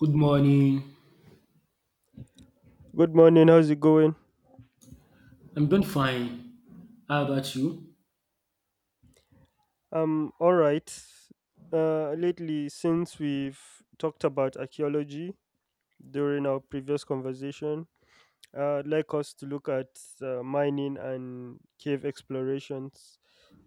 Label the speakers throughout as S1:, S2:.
S1: Good morning.
S2: Good morning. How's it going?
S1: I'm doing fine. How about you?
S2: All right. Lately, since we've talked about archaeology during our previous conversation, I'd like us to look at mining and cave explorations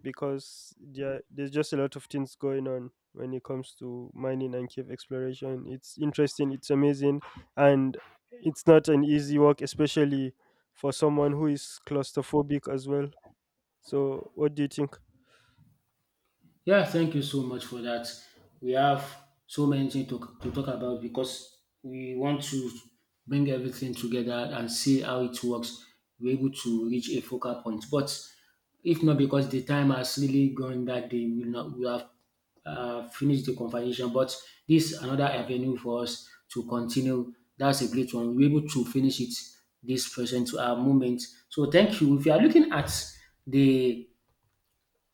S2: because there's just a lot of things going on when it comes to mining and cave exploration. It's interesting, it's amazing, and it's not an easy work, especially for someone who is claustrophobic as well. So, what do you think?
S1: Yeah, thank you so much for that. We have so many things to talk about because we want to bring everything together and see how it works. We're able to reach a focal point. But if not because the time has really gone that day, we will not we have finished the conversation. But this is another avenue for us to continue. That's a great one. We're able to finish it this present moment. So thank you. If you are looking at the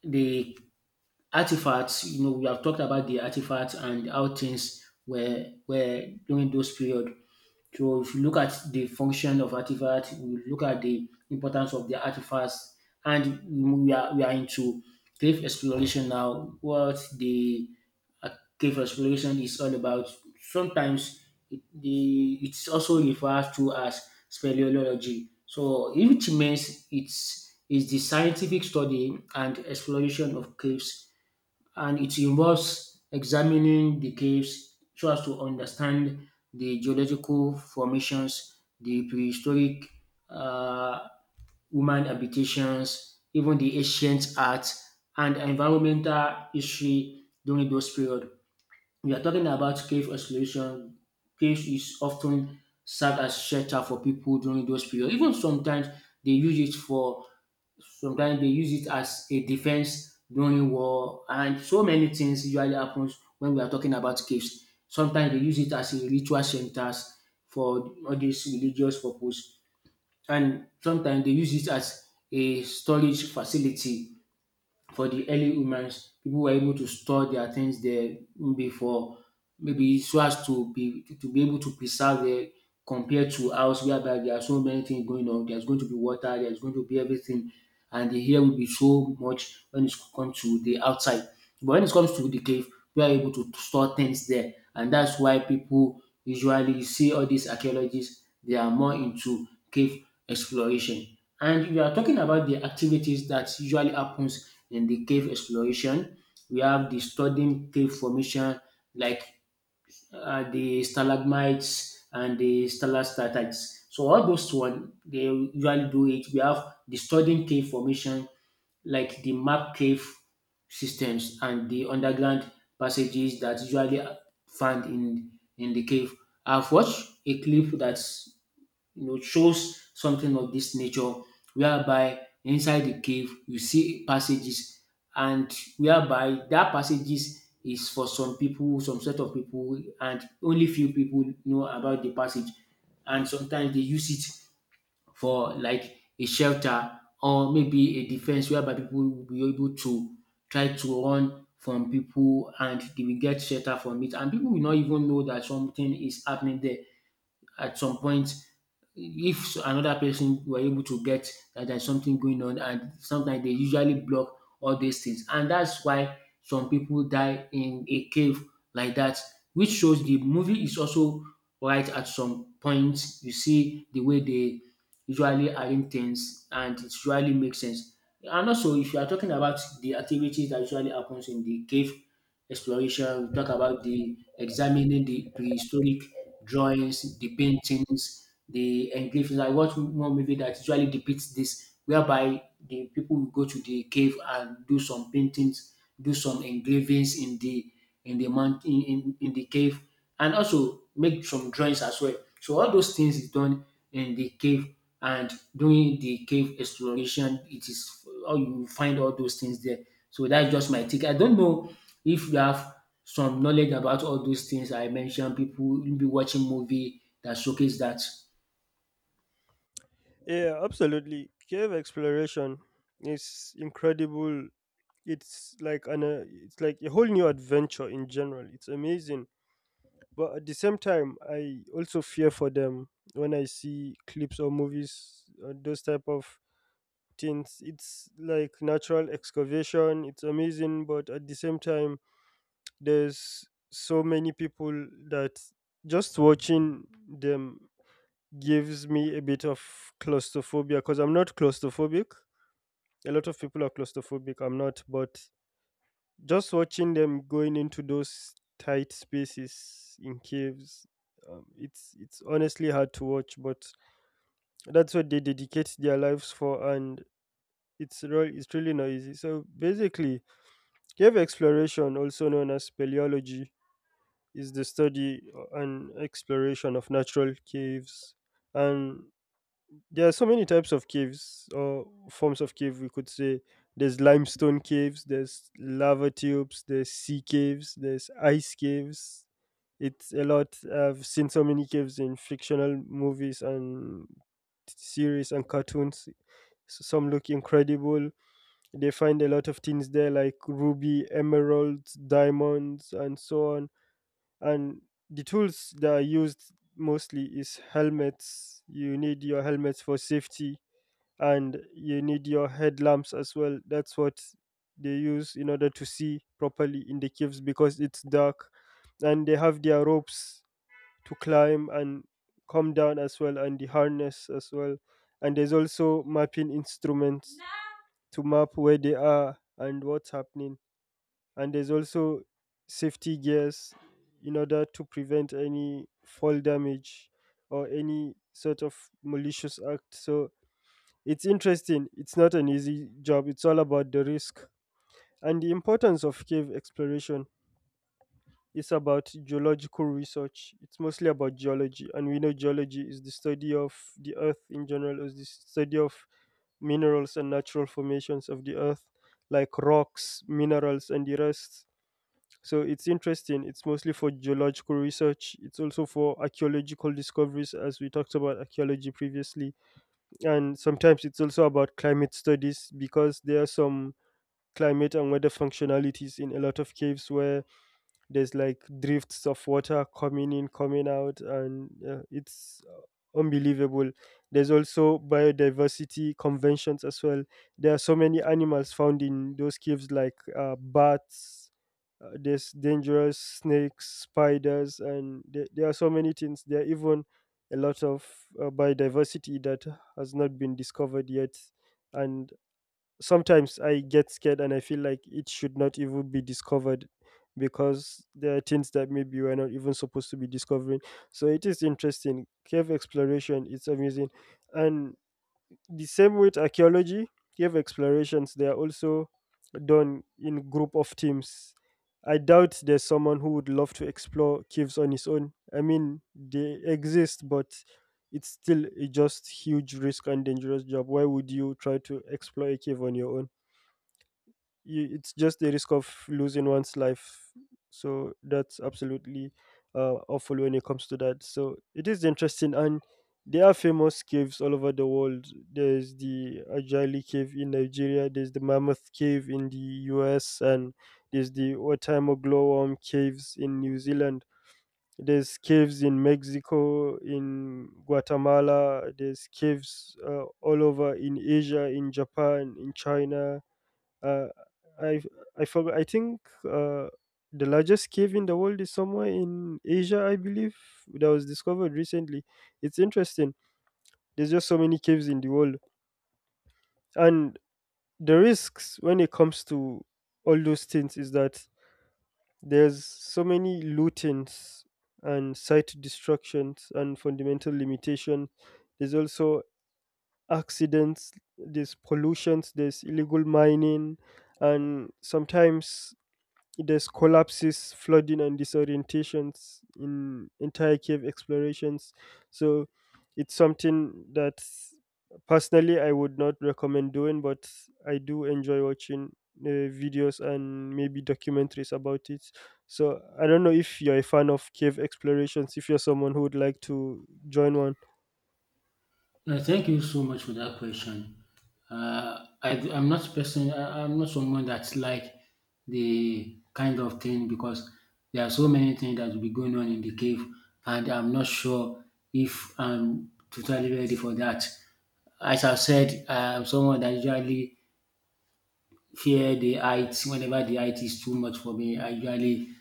S1: the artifacts, you know, we have talked about the artifacts and how things were during those period. So if you look at the function of artifacts, we look at the importance of the artifacts, and we are into cave exploration now. What the uh, cave exploration is all about. Sometimes it's also referred to as speleology. So it means it's is the scientific study and exploration of caves, and it involves examining the caves so as to understand the geological formations, the prehistoric uh, human habitations, even the ancient art and environmental history during those period. We are talking about cave exploration. Caves is often served as shelter for people during those period. Even sometimes they use it for sometimes they use it as a defense during war, and so many things usually happens when we are talking about caves. Sometimes they use it as a ritual centers for all these religious purpose, and sometimes they use it as a storage facility for the early humans. People were able to store their things there before, maybe so as to be able to preserve it compared to us, whereby there are so many things going on. There's going to be water, there's going to be everything, and the air will be so much when it comes to the outside. But when it comes to the cave, we are able to store things there, and that's why people usually, you see, all these archaeologists they are more into cave exploration. And we are talking about the activities that usually happens in the cave exploration. We have the studying cave formation like the stalagmites and the stalactites. So all those one they usually do it. We have the studying cave formation like the map cave systems and the underground passages that usually found in the cave. I've watched a clip that's, you know, shows something of this nature, whereby inside the cave you see passages, and whereby that passages is for some people, some set of people, and only few people know about the passage. And sometimes they use it for like a shelter or maybe a defense, whereby people will be able to try to run from people and they will get shelter from it, and people will not even know that something is happening there. At some point, if another person were able to get that there's something going on, and sometimes they usually block all these things, and that's why some people die in a cave like that, which shows the movie is also right at some points. You see the way they usually arrange things and it usually makes sense. And also, if you are talking about the activities that usually happens in the cave exploration, we talk about the examining the prehistoric drawings, the paintings, the engravings. I watched one movie that usually depicts this, whereby the people will go to the cave and do some paintings, do some engravings in the mountain, in the cave, and also make some drawings as well. So all those things is done in the cave, and during the cave exploration, it is all you find all those things there. So that's just my take. I don't know if you have some knowledge about all those things I mentioned. People will be watching movie that showcase that.
S2: Yeah, absolutely. Cave exploration is incredible. It's like a whole new adventure in general. It's amazing, but at the same time, I also fear for them when I see clips or movies or those type of things. It's like natural excavation. It's amazing, but at the same time, there's so many people that just watching them gives me a bit of claustrophobia because I'm not claustrophobic. A lot of people are claustrophobic, I'm not, but just watching them going into those tight spaces in caves, it's honestly hard to watch, but that's what they dedicate their lives for, and it's really not easy. So basically, cave exploration, also known as speleology, is the study and exploration of natural caves. And there are so many types of caves or forms of cave, we could say. There's limestone caves, there's lava tubes, there's sea caves, there's ice caves. It's a lot. I've seen so many caves in fictional movies and series and cartoons. Some look incredible. They find a lot of things there like ruby, emeralds, diamonds, and so on, and the tools that are used mostly is helmets. You need your helmets for safety, and you need your headlamps as well. That's what they use in order to see properly in the caves because it's dark. And they have their ropes to climb and come down as well, and the harness as well. And there's also mapping instruments to map where they are and what's happening. And there's also safety gears in order to prevent any fall damage or any sort of malicious act. So it's interesting, it's not an easy job, it's all about the risk. And the importance of cave exploration is about geological research. It's mostly about geology, and we know geology is the study of the earth in general, is the study of minerals and natural formations of the earth, like rocks, minerals, and the rest. So it's interesting. It's mostly for geological research. It's also for archaeological discoveries, as we talked about archaeology previously. And sometimes it's also about climate studies because there are some climate and weather functionalities in a lot of caves where there's like drifts of water coming in, coming out, and it's unbelievable. There's also biodiversity conventions as well. There are so many animals found in those caves, like bats, there's dangerous snakes, spiders, and there are so many things. There are even a lot of biodiversity that has not been discovered yet. And sometimes I get scared and I feel like it should not even be discovered because there are things that maybe we're not even supposed to be discovering. So it is interesting. Cave exploration, it's amazing. And the same with archaeology, cave explorations, they are also done in group of teams. I doubt there's someone who would love to explore caves on his own. I mean, they exist, but it's still a just huge risk and dangerous job. Why would you try to explore a cave on your own? You, it's just the risk of losing one's life. So that's absolutely awful when it comes to that. So it is interesting, and there are famous caves all over the world. There's the Ajali cave in Nigeria. There's the Mammoth cave in the U.S., and there's the Otaimo glowworm caves in New Zealand. There's caves in Mexico, in Guatemala. There's caves all over in Asia, in Japan, in China. Uh, I I forgot. I think the largest cave in the world is somewhere in Asia, I believe, that was discovered recently. It's interesting. There's just so many caves in the world, and the risks when it comes to all those things is that there's so many lootings and site destructions and fundamental limitation. There's also accidents. There's pollutions. There's illegal mining, and sometimes there's collapses, flooding, and disorientations in entire cave explorations. So it's something that personally I would not recommend doing, but I do enjoy watching videos and maybe documentaries about it. So I don't know if you're a fan of cave explorations, if you're someone who would like to join one.
S1: Thank you so much for that question. I'm not person. I'm not someone that's like the kind of thing because there are so many things that will be going on in the cave, and I'm not sure if I'm totally ready for that. As I've said, I'm someone that usually fear the heights. Whenever the height is too much for me, I usually, you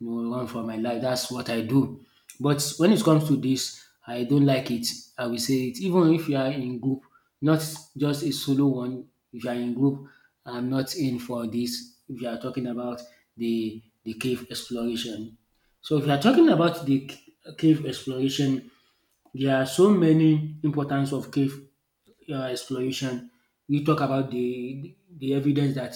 S1: know, run for my life. That's what I do. But when it comes to this, I don't like it. I will say it. Even if you are in group, not just a solo one. If you are in group, I'm not in for this. If you are talking about the cave exploration, so if you are talking about cave exploration, there are so many importance of cave exploration. We talk about the evidence that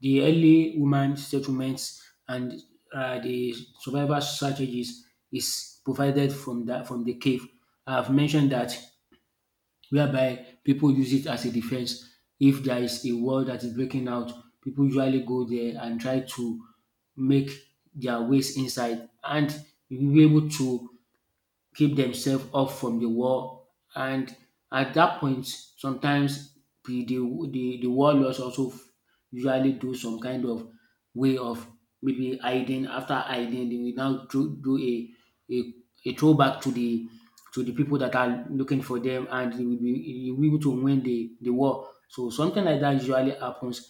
S1: the early human settlements and the survival strategies is provided from the cave. I've mentioned that whereby people use it as a defense. If there is a war that is breaking out, people usually go there and try to make their ways inside, and you will be able to keep themselves off from the wall. And at that point, sometimes the the the warlords usually do some kind of way of maybe hiding. After hiding, they will now do a, a a throwback to the people that are looking for them, and they will be you will be able to win the war. So something like that usually happens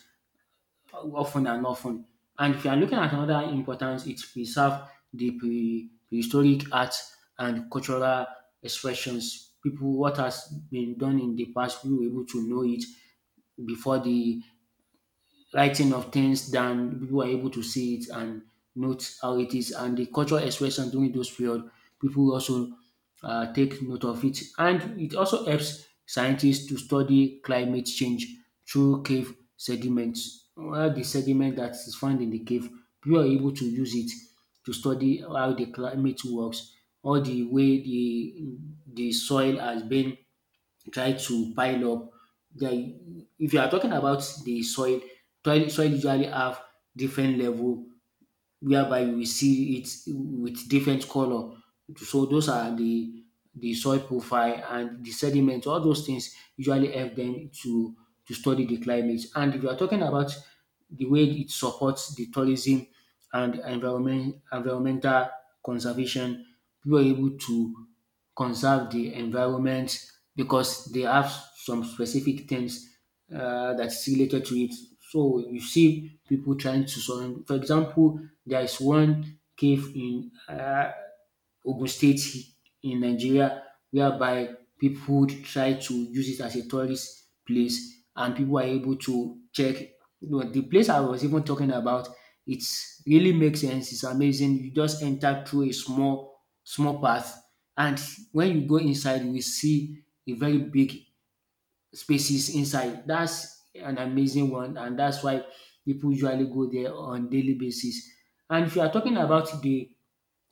S1: often and often. And if you are looking at another importance, it preserve the prehistoric art and cultural expressions. People, what has been done in the past, we were able to know it before the writing of things down. People are able to see it and note how it is. And the cultural expression during those period, people also take note of it. And it also helps scientists to study climate change through cave sediments. Well, the sediment that is found in the cave, people are able to use it to study how the climate works, or the way the soil has been try to pile up. The, if you are talking about the soil, soil usually have different level, whereby we see it with different color. So those are the soil profile and the sediment. All those things usually help them to study the climate. And if you are talking about the way it supports the tourism and environmental conservation, people are able to conserve the environment because they have some specific things that's related to it. So you see people trying to surround. For example, there is one cave in Ogun State in Nigeria, whereby people would try to use it as a tourist place and people are able to check. But the place I was even talking about, it's really makes sense. It's amazing. You just enter through a small, small path, and when you go inside, you will see a very big spaces inside. That's an amazing one, and that's why people usually go there on daily basis. And if you are talking about the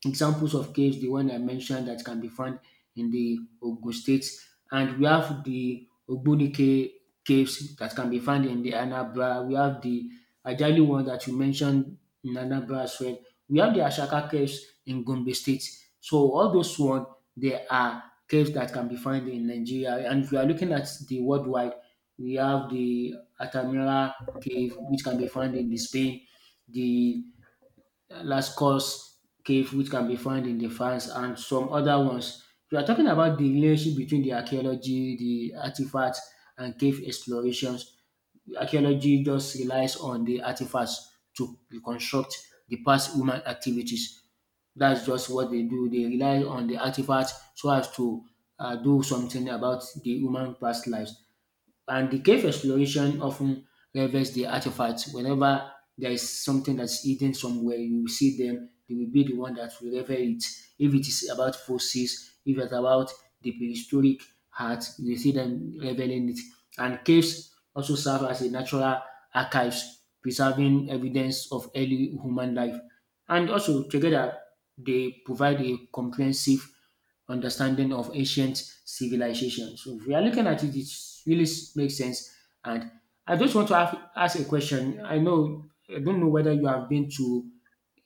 S1: examples of caves, the one I mentioned that can be found in the Ogun State, and we have the Ogbunike caves that can be found in the Anambra. We have the Ajali one that you mentioned in Anambra as well. We have the Ashaka caves in Gombe State. So all those one, they are caves that can be found in Nigeria. And if you are looking at the worldwide, we have the Atamira cave, which can be found in the Spain, the Last Course Cave, which can be found in the France, and some other ones. We are talking about the relationship between the archaeology, the artifacts, and cave explorations. Archaeology just relies on the artifacts to reconstruct the past human activities. That's just what they do. They rely on the artifacts so as to do something about the human past lives. And the cave exploration often reveals the artifacts. Whenever there is something that's hidden somewhere, you will see them. They will be the one that will reveal it. If it is about fossils, if it's about the prehistoric art, you will see them revealing it. And caves also serve as a natural archives, preserving evidence of early human life. And also, together, they provide a comprehensive understanding of ancient civilizations. So, if we are looking at it, it really makes sense. And I just want to ask a question. I know, I don't know whether you have been to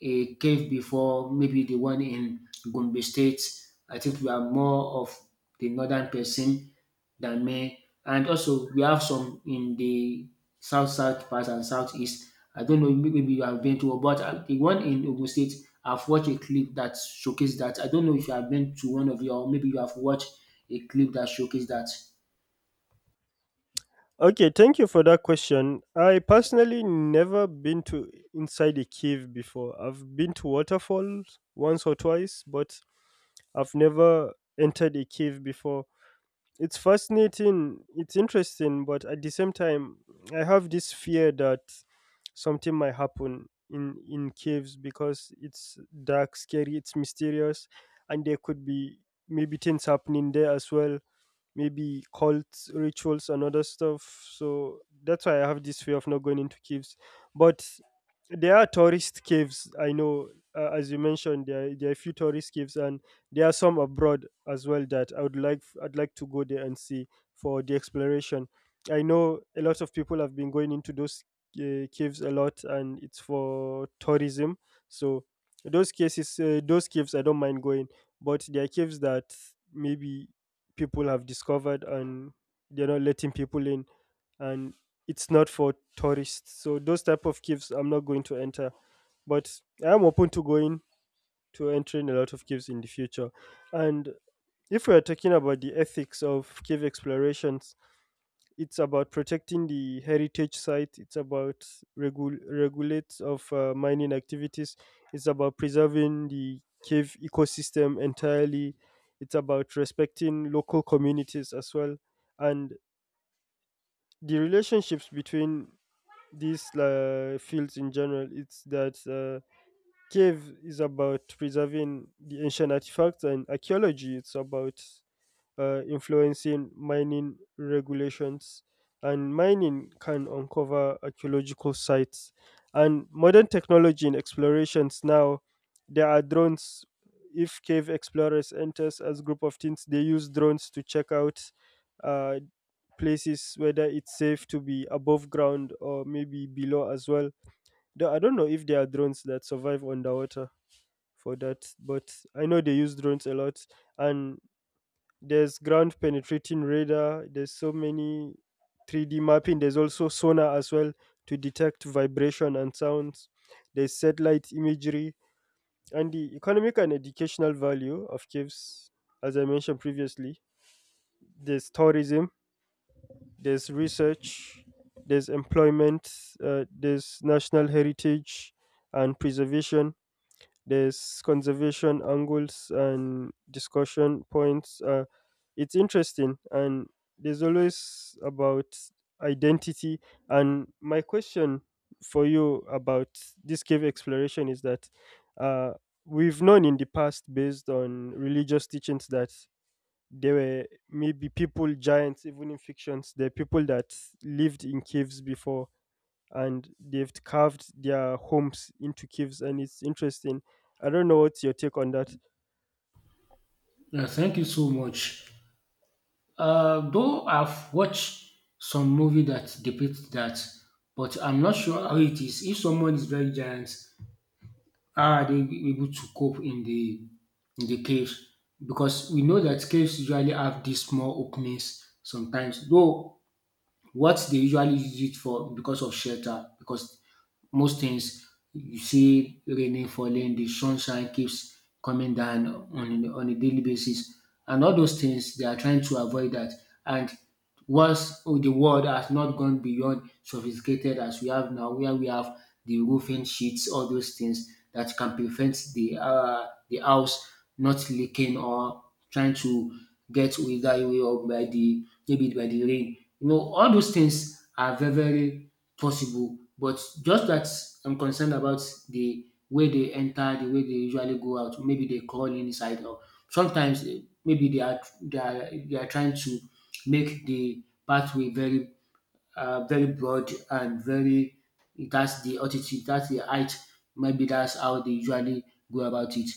S1: a cave before, maybe the one in Gombe State. I think you are more of the northern person than men. And also we have some in the south south part and southeast. I don't know maybe you have been to but the one in Ogun State. I've watched a clip that showcased that. I don't know if you have been to one of you, or maybe you have watched a clip that showcased that.
S2: Okay, thank you for that question. I personally never been to inside a cave before. I've been to waterfalls once or twice, but I've never entered a cave before. It's fascinating, it's interesting, but at the same time, I have this fear that something might happen in caves because it's dark, scary, it's mysterious, and there could be maybe things happening there as well, maybe cult rituals and other stuff. So that's why I have this fear of not going into caves. But there are tourist caves. I know, as you mentioned, there are a few tourist caves, and there are some abroad as well that I would like. I'd like to go there and see for the exploration. I know a lot of people have been going into those caves a lot, and it's for tourism. So those cases, those caves, I don't mind going, but there are caves that maybe people have discovered and they're not letting people in, and it's not for tourists. So those type of caves I'm not going to enter, but I'm open to going to entering a lot of caves in the future. And if we are talking about the ethics of cave explorations, it's about protecting the heritage site, it's about regulates of mining activities, it's about preserving the cave ecosystem entirely, it's about respecting local communities as well. And the relationships between these fields in general, it's that cave is about preserving the ancient artifacts, and archaeology it's about influencing mining regulations, and mining can uncover archaeological sites. And modern technology in explorations now, there are drones. If cave explorers enters as group of teens, they use drones to check out uh, places whether it's safe to be above ground or maybe below as well. Though I don't know if there are drones that survive underwater for that, but I know they use drones a lot. And there's ground penetrating radar, there's so many 3D mapping, there's also sonar as well to detect vibration and sounds, there's satellite imagery. And the economic and educational value of caves, as I mentioned previously, there's tourism, there's research, there's employment, there's national heritage and preservation, there's conservation angles and discussion points. It's interesting, and there's always about identity. And my question for you about this cave exploration is that, uh, we've known in the past based on religious teachings that there were maybe people giants. Even in fictions there are people that lived in caves before, and they've carved their homes into caves, and it's interesting. I don't know what's your take on that.
S1: Yeah, thank you so much. Though I've watched some movie that depicts that, but I'm not sure how it is. If someone is very giant, how are they able to cope in the caves? Because we know that caves usually have these small openings sometimes, though what they usually use it for because of shelter because most things you see raining falling, the sunshine keeps coming down on a daily basis, and all those things they are trying to avoid that. And once the world has not gone beyond sophisticated as we have now, where we have the roofing sheets, all those things that can prevent the house not leaking or trying to get wither away or by the maybe by the rain you know, all those things are very, very possible. But just that I'm concerned about the way they enter, the way they usually go out. Maybe they crawl inside, or sometimes maybe they are trying to make the pathway very very broad and very that's the altitude, that's the height. Maybe that's how they usually go about it.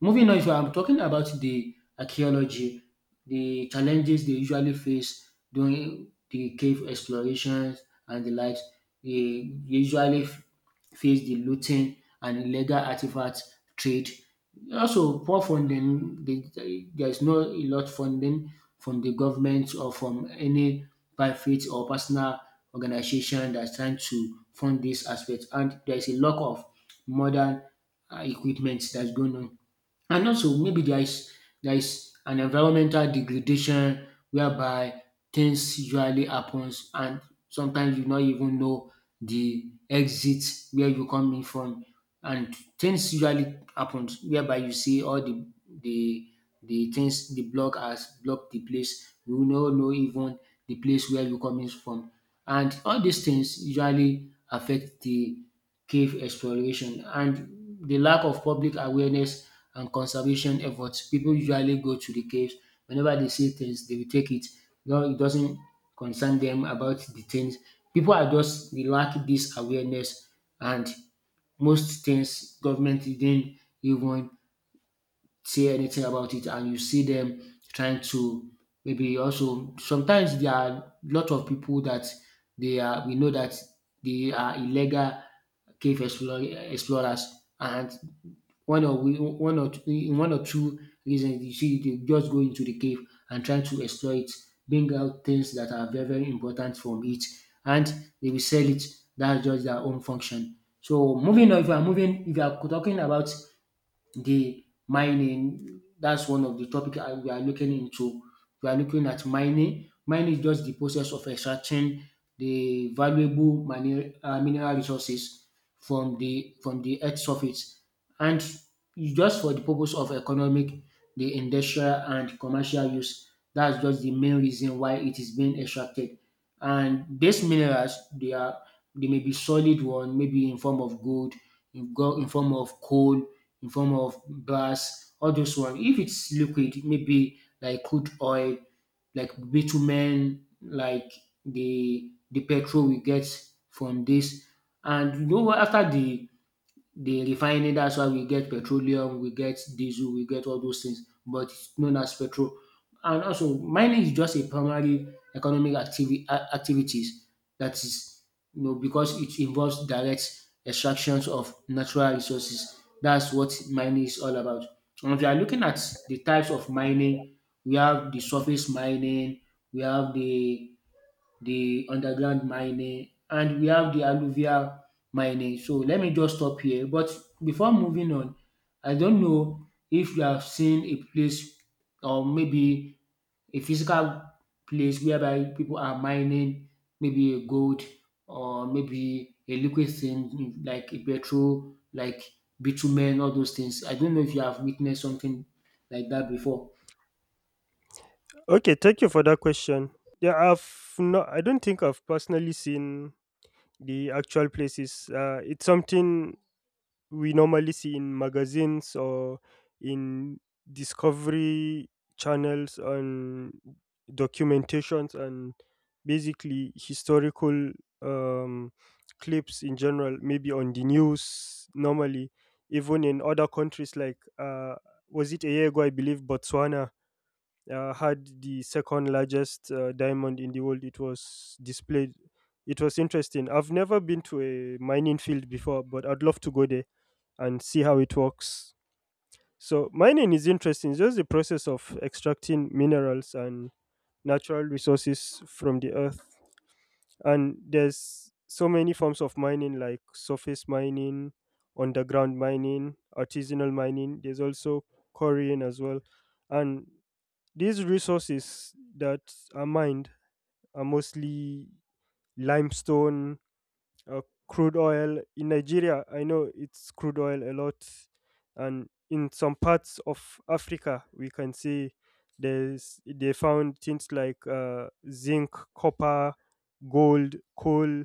S1: Moving on, if I'm talking about the archaeology, the challenges they usually face during the cave explorations and the likes, they usually face the looting and illegal artifact trade. Also, poor funding. There's no a lot funding from the government or from any private or personal organization that's trying to fund this aspect. And there's a lot of modern equipment that's going on. And also maybe there is an environmental degradation whereby things usually happens and sometimes you not even know the exit where you coming from, and things usually happens whereby you see all the the things the block has blocked the place you no know even the place where you coming from, and all these things usually affect the cave exploration and the lack of public awareness and conservation efforts. People usually go to the caves. Whenever they see things, they will take it. No, it doesn't concern them about the things. People are just they lack this awareness, and most things government didn't even say anything about it and you see them trying to maybe also sometimes there are a lot of people that they are we know that they are illegal explorers, and one or we one or two in one or two reasons you see they just go into the cave and try to explore it, bring out things that are very very important from it, and they will sell it. That's just their own function. So moving on, if you are moving if you are talking about the mining. That's one of the topic we are looking into. We are looking at mining. Mining is just the process of extracting the valuable mineral resources from the earth surface, and it's just for the purpose of economic, the industrial and commercial use. That's just the main reason why it is being extracted. And these minerals, they are they may be solid one, maybe in form of gold, in form of coal, in form of brass, all those one. If it's liquid, maybe like crude oil, like bitumen, like the petrol we get from this. And you know what? After the they refine it. That's why we get petroleum, we get diesel, we get all those things but it's known as petrol. And also mining is just a primary activities that is you know because it involves direct extractions of natural resources. That's what mining is all about. And if you are looking at the types of mining, we have the surface mining, we have the underground mining, and we have the alluvial mining. So let me just stop here. But before moving on, I don't know if you have seen a place or maybe a physical place whereby people are mining maybe a gold or maybe a liquid thing like a petrol, like bitumen, all those things. I don't know if you have witnessed something like that before.
S2: Okay, thank you for that question. Yeah, I've not, I don't think I've personally seen the actual places. It's something we normally see in magazines or in discovery channels and documentations, and basically historical um, clips in general, maybe on the news normally, even in other countries. Like was it a year ago, I believe Botswana had the second largest diamond in the world. It was displayed, it was interesting. I've never been to a mining field before, but I'd love to go there and see how it works. So mining is interesting. It's just the process of extracting minerals and natural resources from the earth. And there's so many forms of mining like surface mining, underground mining, artisanal mining. There's also quarrying as well. And these resources that are mined are mostly limestone, uh, crude oil in Nigeria. I know it's crude oil a lot, and in some parts of Africa, we can see there's they found things like zinc, copper, gold, coal,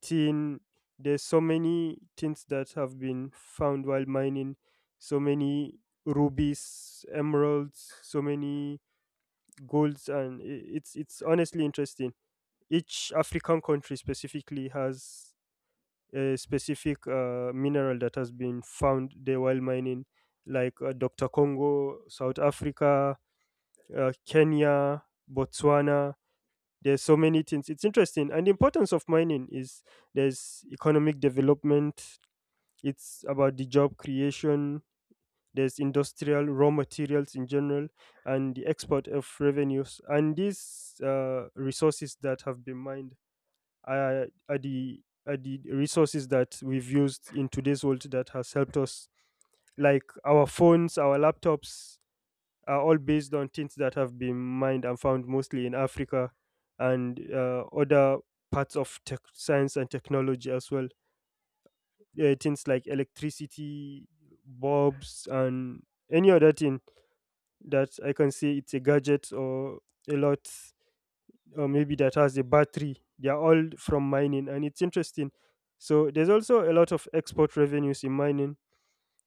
S2: tin. There's so many things that have been found while mining. So many rubies, emeralds, so many golds, and it's it's honestly interesting. Each African country specifically has a specific mineral that has been found there while mining, like Dr. Congo, South Africa, Kenya, Botswana. There's so many things. It's interesting. And the importance of mining is there's economic development, it's about the job creation, there's industrial raw materials in general, and the export of revenues. And these resources that have been mined are the resources that we've used in today's world that has helped us. Like our phones, our laptops are all based on things that have been mined and found mostly in Africa, and other parts of tech, science, and technology as well. Things like electricity, bulbs, and any other thing that I can say it's a gadget or a lot, or maybe that has a battery. They are all from mining, and it's interesting. So there's also a lot of export revenues in mining.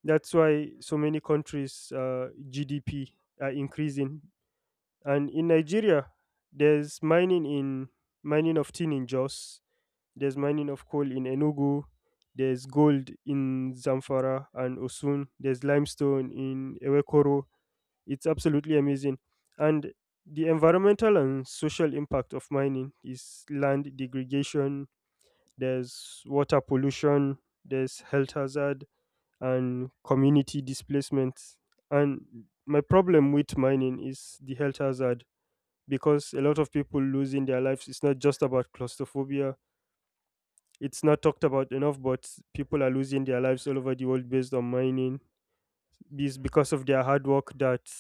S2: That's why so many countries' GDP are increasing. And in Nigeria, there's mining in mining of tin in Jos. There's mining of coal in Enugu. There's gold in Zamfara and Osun. There's limestone in Ewekoro. It's absolutely amazing. And the environmental and social impact of mining is land degradation, there's water pollution, there's health hazard, and community displacement. And my problem with mining is the health hazard because a lot of people losing their lives. It's not just about claustrophobia, it's not talked about enough, but people are losing their lives all over the world based on mining. It's because of their hard work that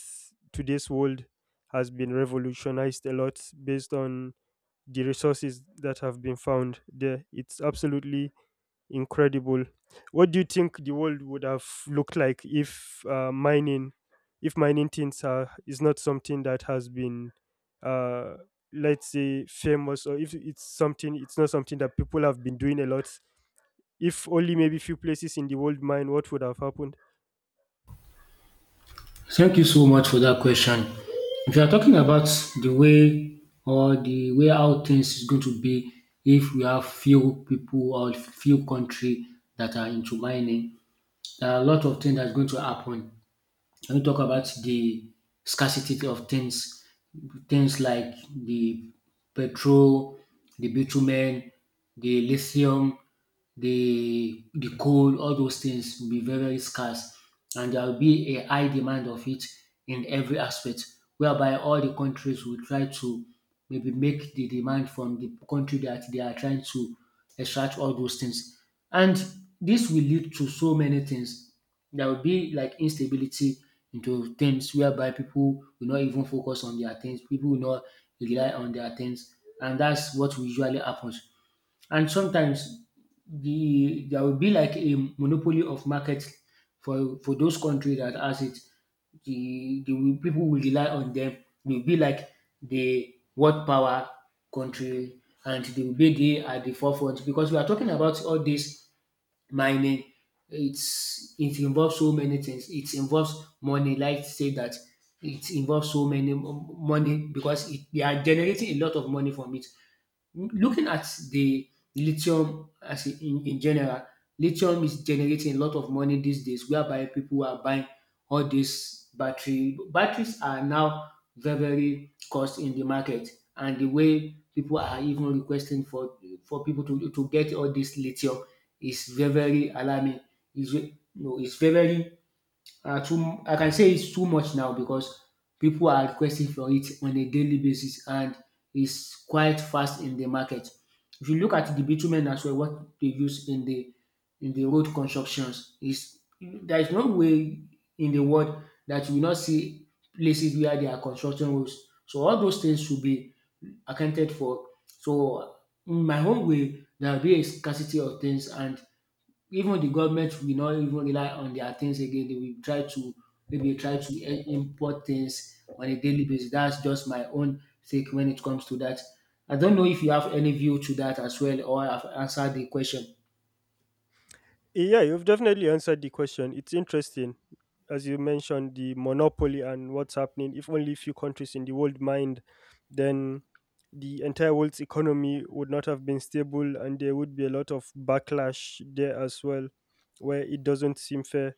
S2: today's world has been revolutionized a lot based on the resources that have been found there. It's absolutely incredible. What do you think the world would have looked like if if mining is not something that has been, uh, let's say, famous, or if it's something, it's not something that people have been doing a lot. If only maybe few places in the world mine, what would have happened?
S1: Thank you so much for that question. If you are talking about the way or the way how things is going to be if we have few people or few country that are into mining, there are a lot of things that's going to happen. When we talk about the scarcity of things, things like the petrol, the bitumen, the lithium, the coal, all those things will be very, very scarce. And there will be a high demand of it in every aspect, whereby all the countries will try to maybe make the demand from the country that they are trying to extract all those things. And this will lead to so many things. There will be like instability into things whereby people will not even focus on their things, people will not rely on their things, and that's what usually happens. And sometimes there will be like a monopoly of market for those countries that has it. People will rely on them. Will be like the world power country, and they will be there at the forefront because we are talking about all this mining. It's it involves so many things, it involves money like say that it involves so many money because it, they are generating a lot of money from it. Looking at the lithium as in, in general, lithium is generating a lot of money these days, whereby people are buying all these battery. Batteries are now very, very cost in the market, and the way people are even requesting for people to get all this lithium is very, very alarming. Is you know, it's very very too I can say it's too much now because people are requesting for it on a daily basis and it's quite fast in the market. If you look at the bitumen as well, what they use in the road constructions is there is no way in the world that you will not see places where they are constructing roads. So all those things should be accounted for. So in my own way, there will be a scarcity of things and even the government will not even rely on their things again. They will try to maybe import things on a daily basis. That's just my own take when it comes to that. I don't know if you have any view to that as well, or I've answered the question.
S2: Yeah, you've definitely answered the question. It's interesting, as you mentioned, the monopoly and what's happening. If only few countries in the world mined, then the entire world's economy would not have been stable, and there would be a lot of backlash there as well, where it doesn't seem fair.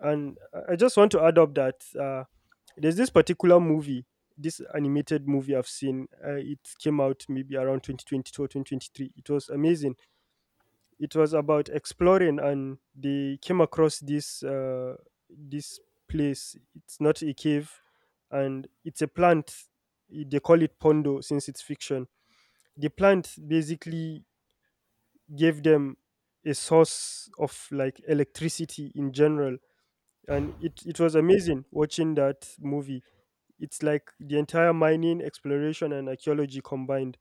S2: And I just want to add up that, there's this particular movie, this animated movie I've seen. It came out maybe around 2022 or 2023. It was amazing. It was about exploring, and they came across this this place. It's not a cave, and it's a plant. They call it pondo, since it's fiction. The plant basically gave them a source of like electricity in general. And it was amazing watching that movie. It's like the entire mining, exploration, and archaeology combined.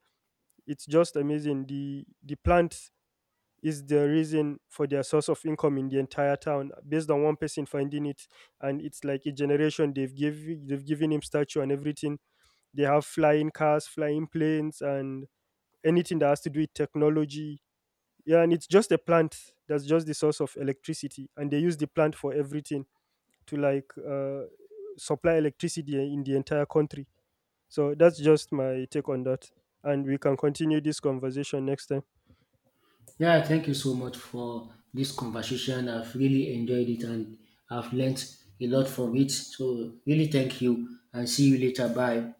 S2: It's just amazing. The plant is the reason for their source of income in the entire town, based on one person finding it. And it's like a generation. They've given him statue and everything. They have flying cars, flying planes, and anything that has to do with technology. Yeah, and it's just a plant. That's just the source of electricity, and they use the plant for everything to, like, supply electricity in the entire country. So that's just my take on that. And we can continue this conversation next time.
S1: Yeah, thank you so much for this conversation. I've really enjoyed it and I've learnt a lot from it. So, really, thank you and see you later. Bye.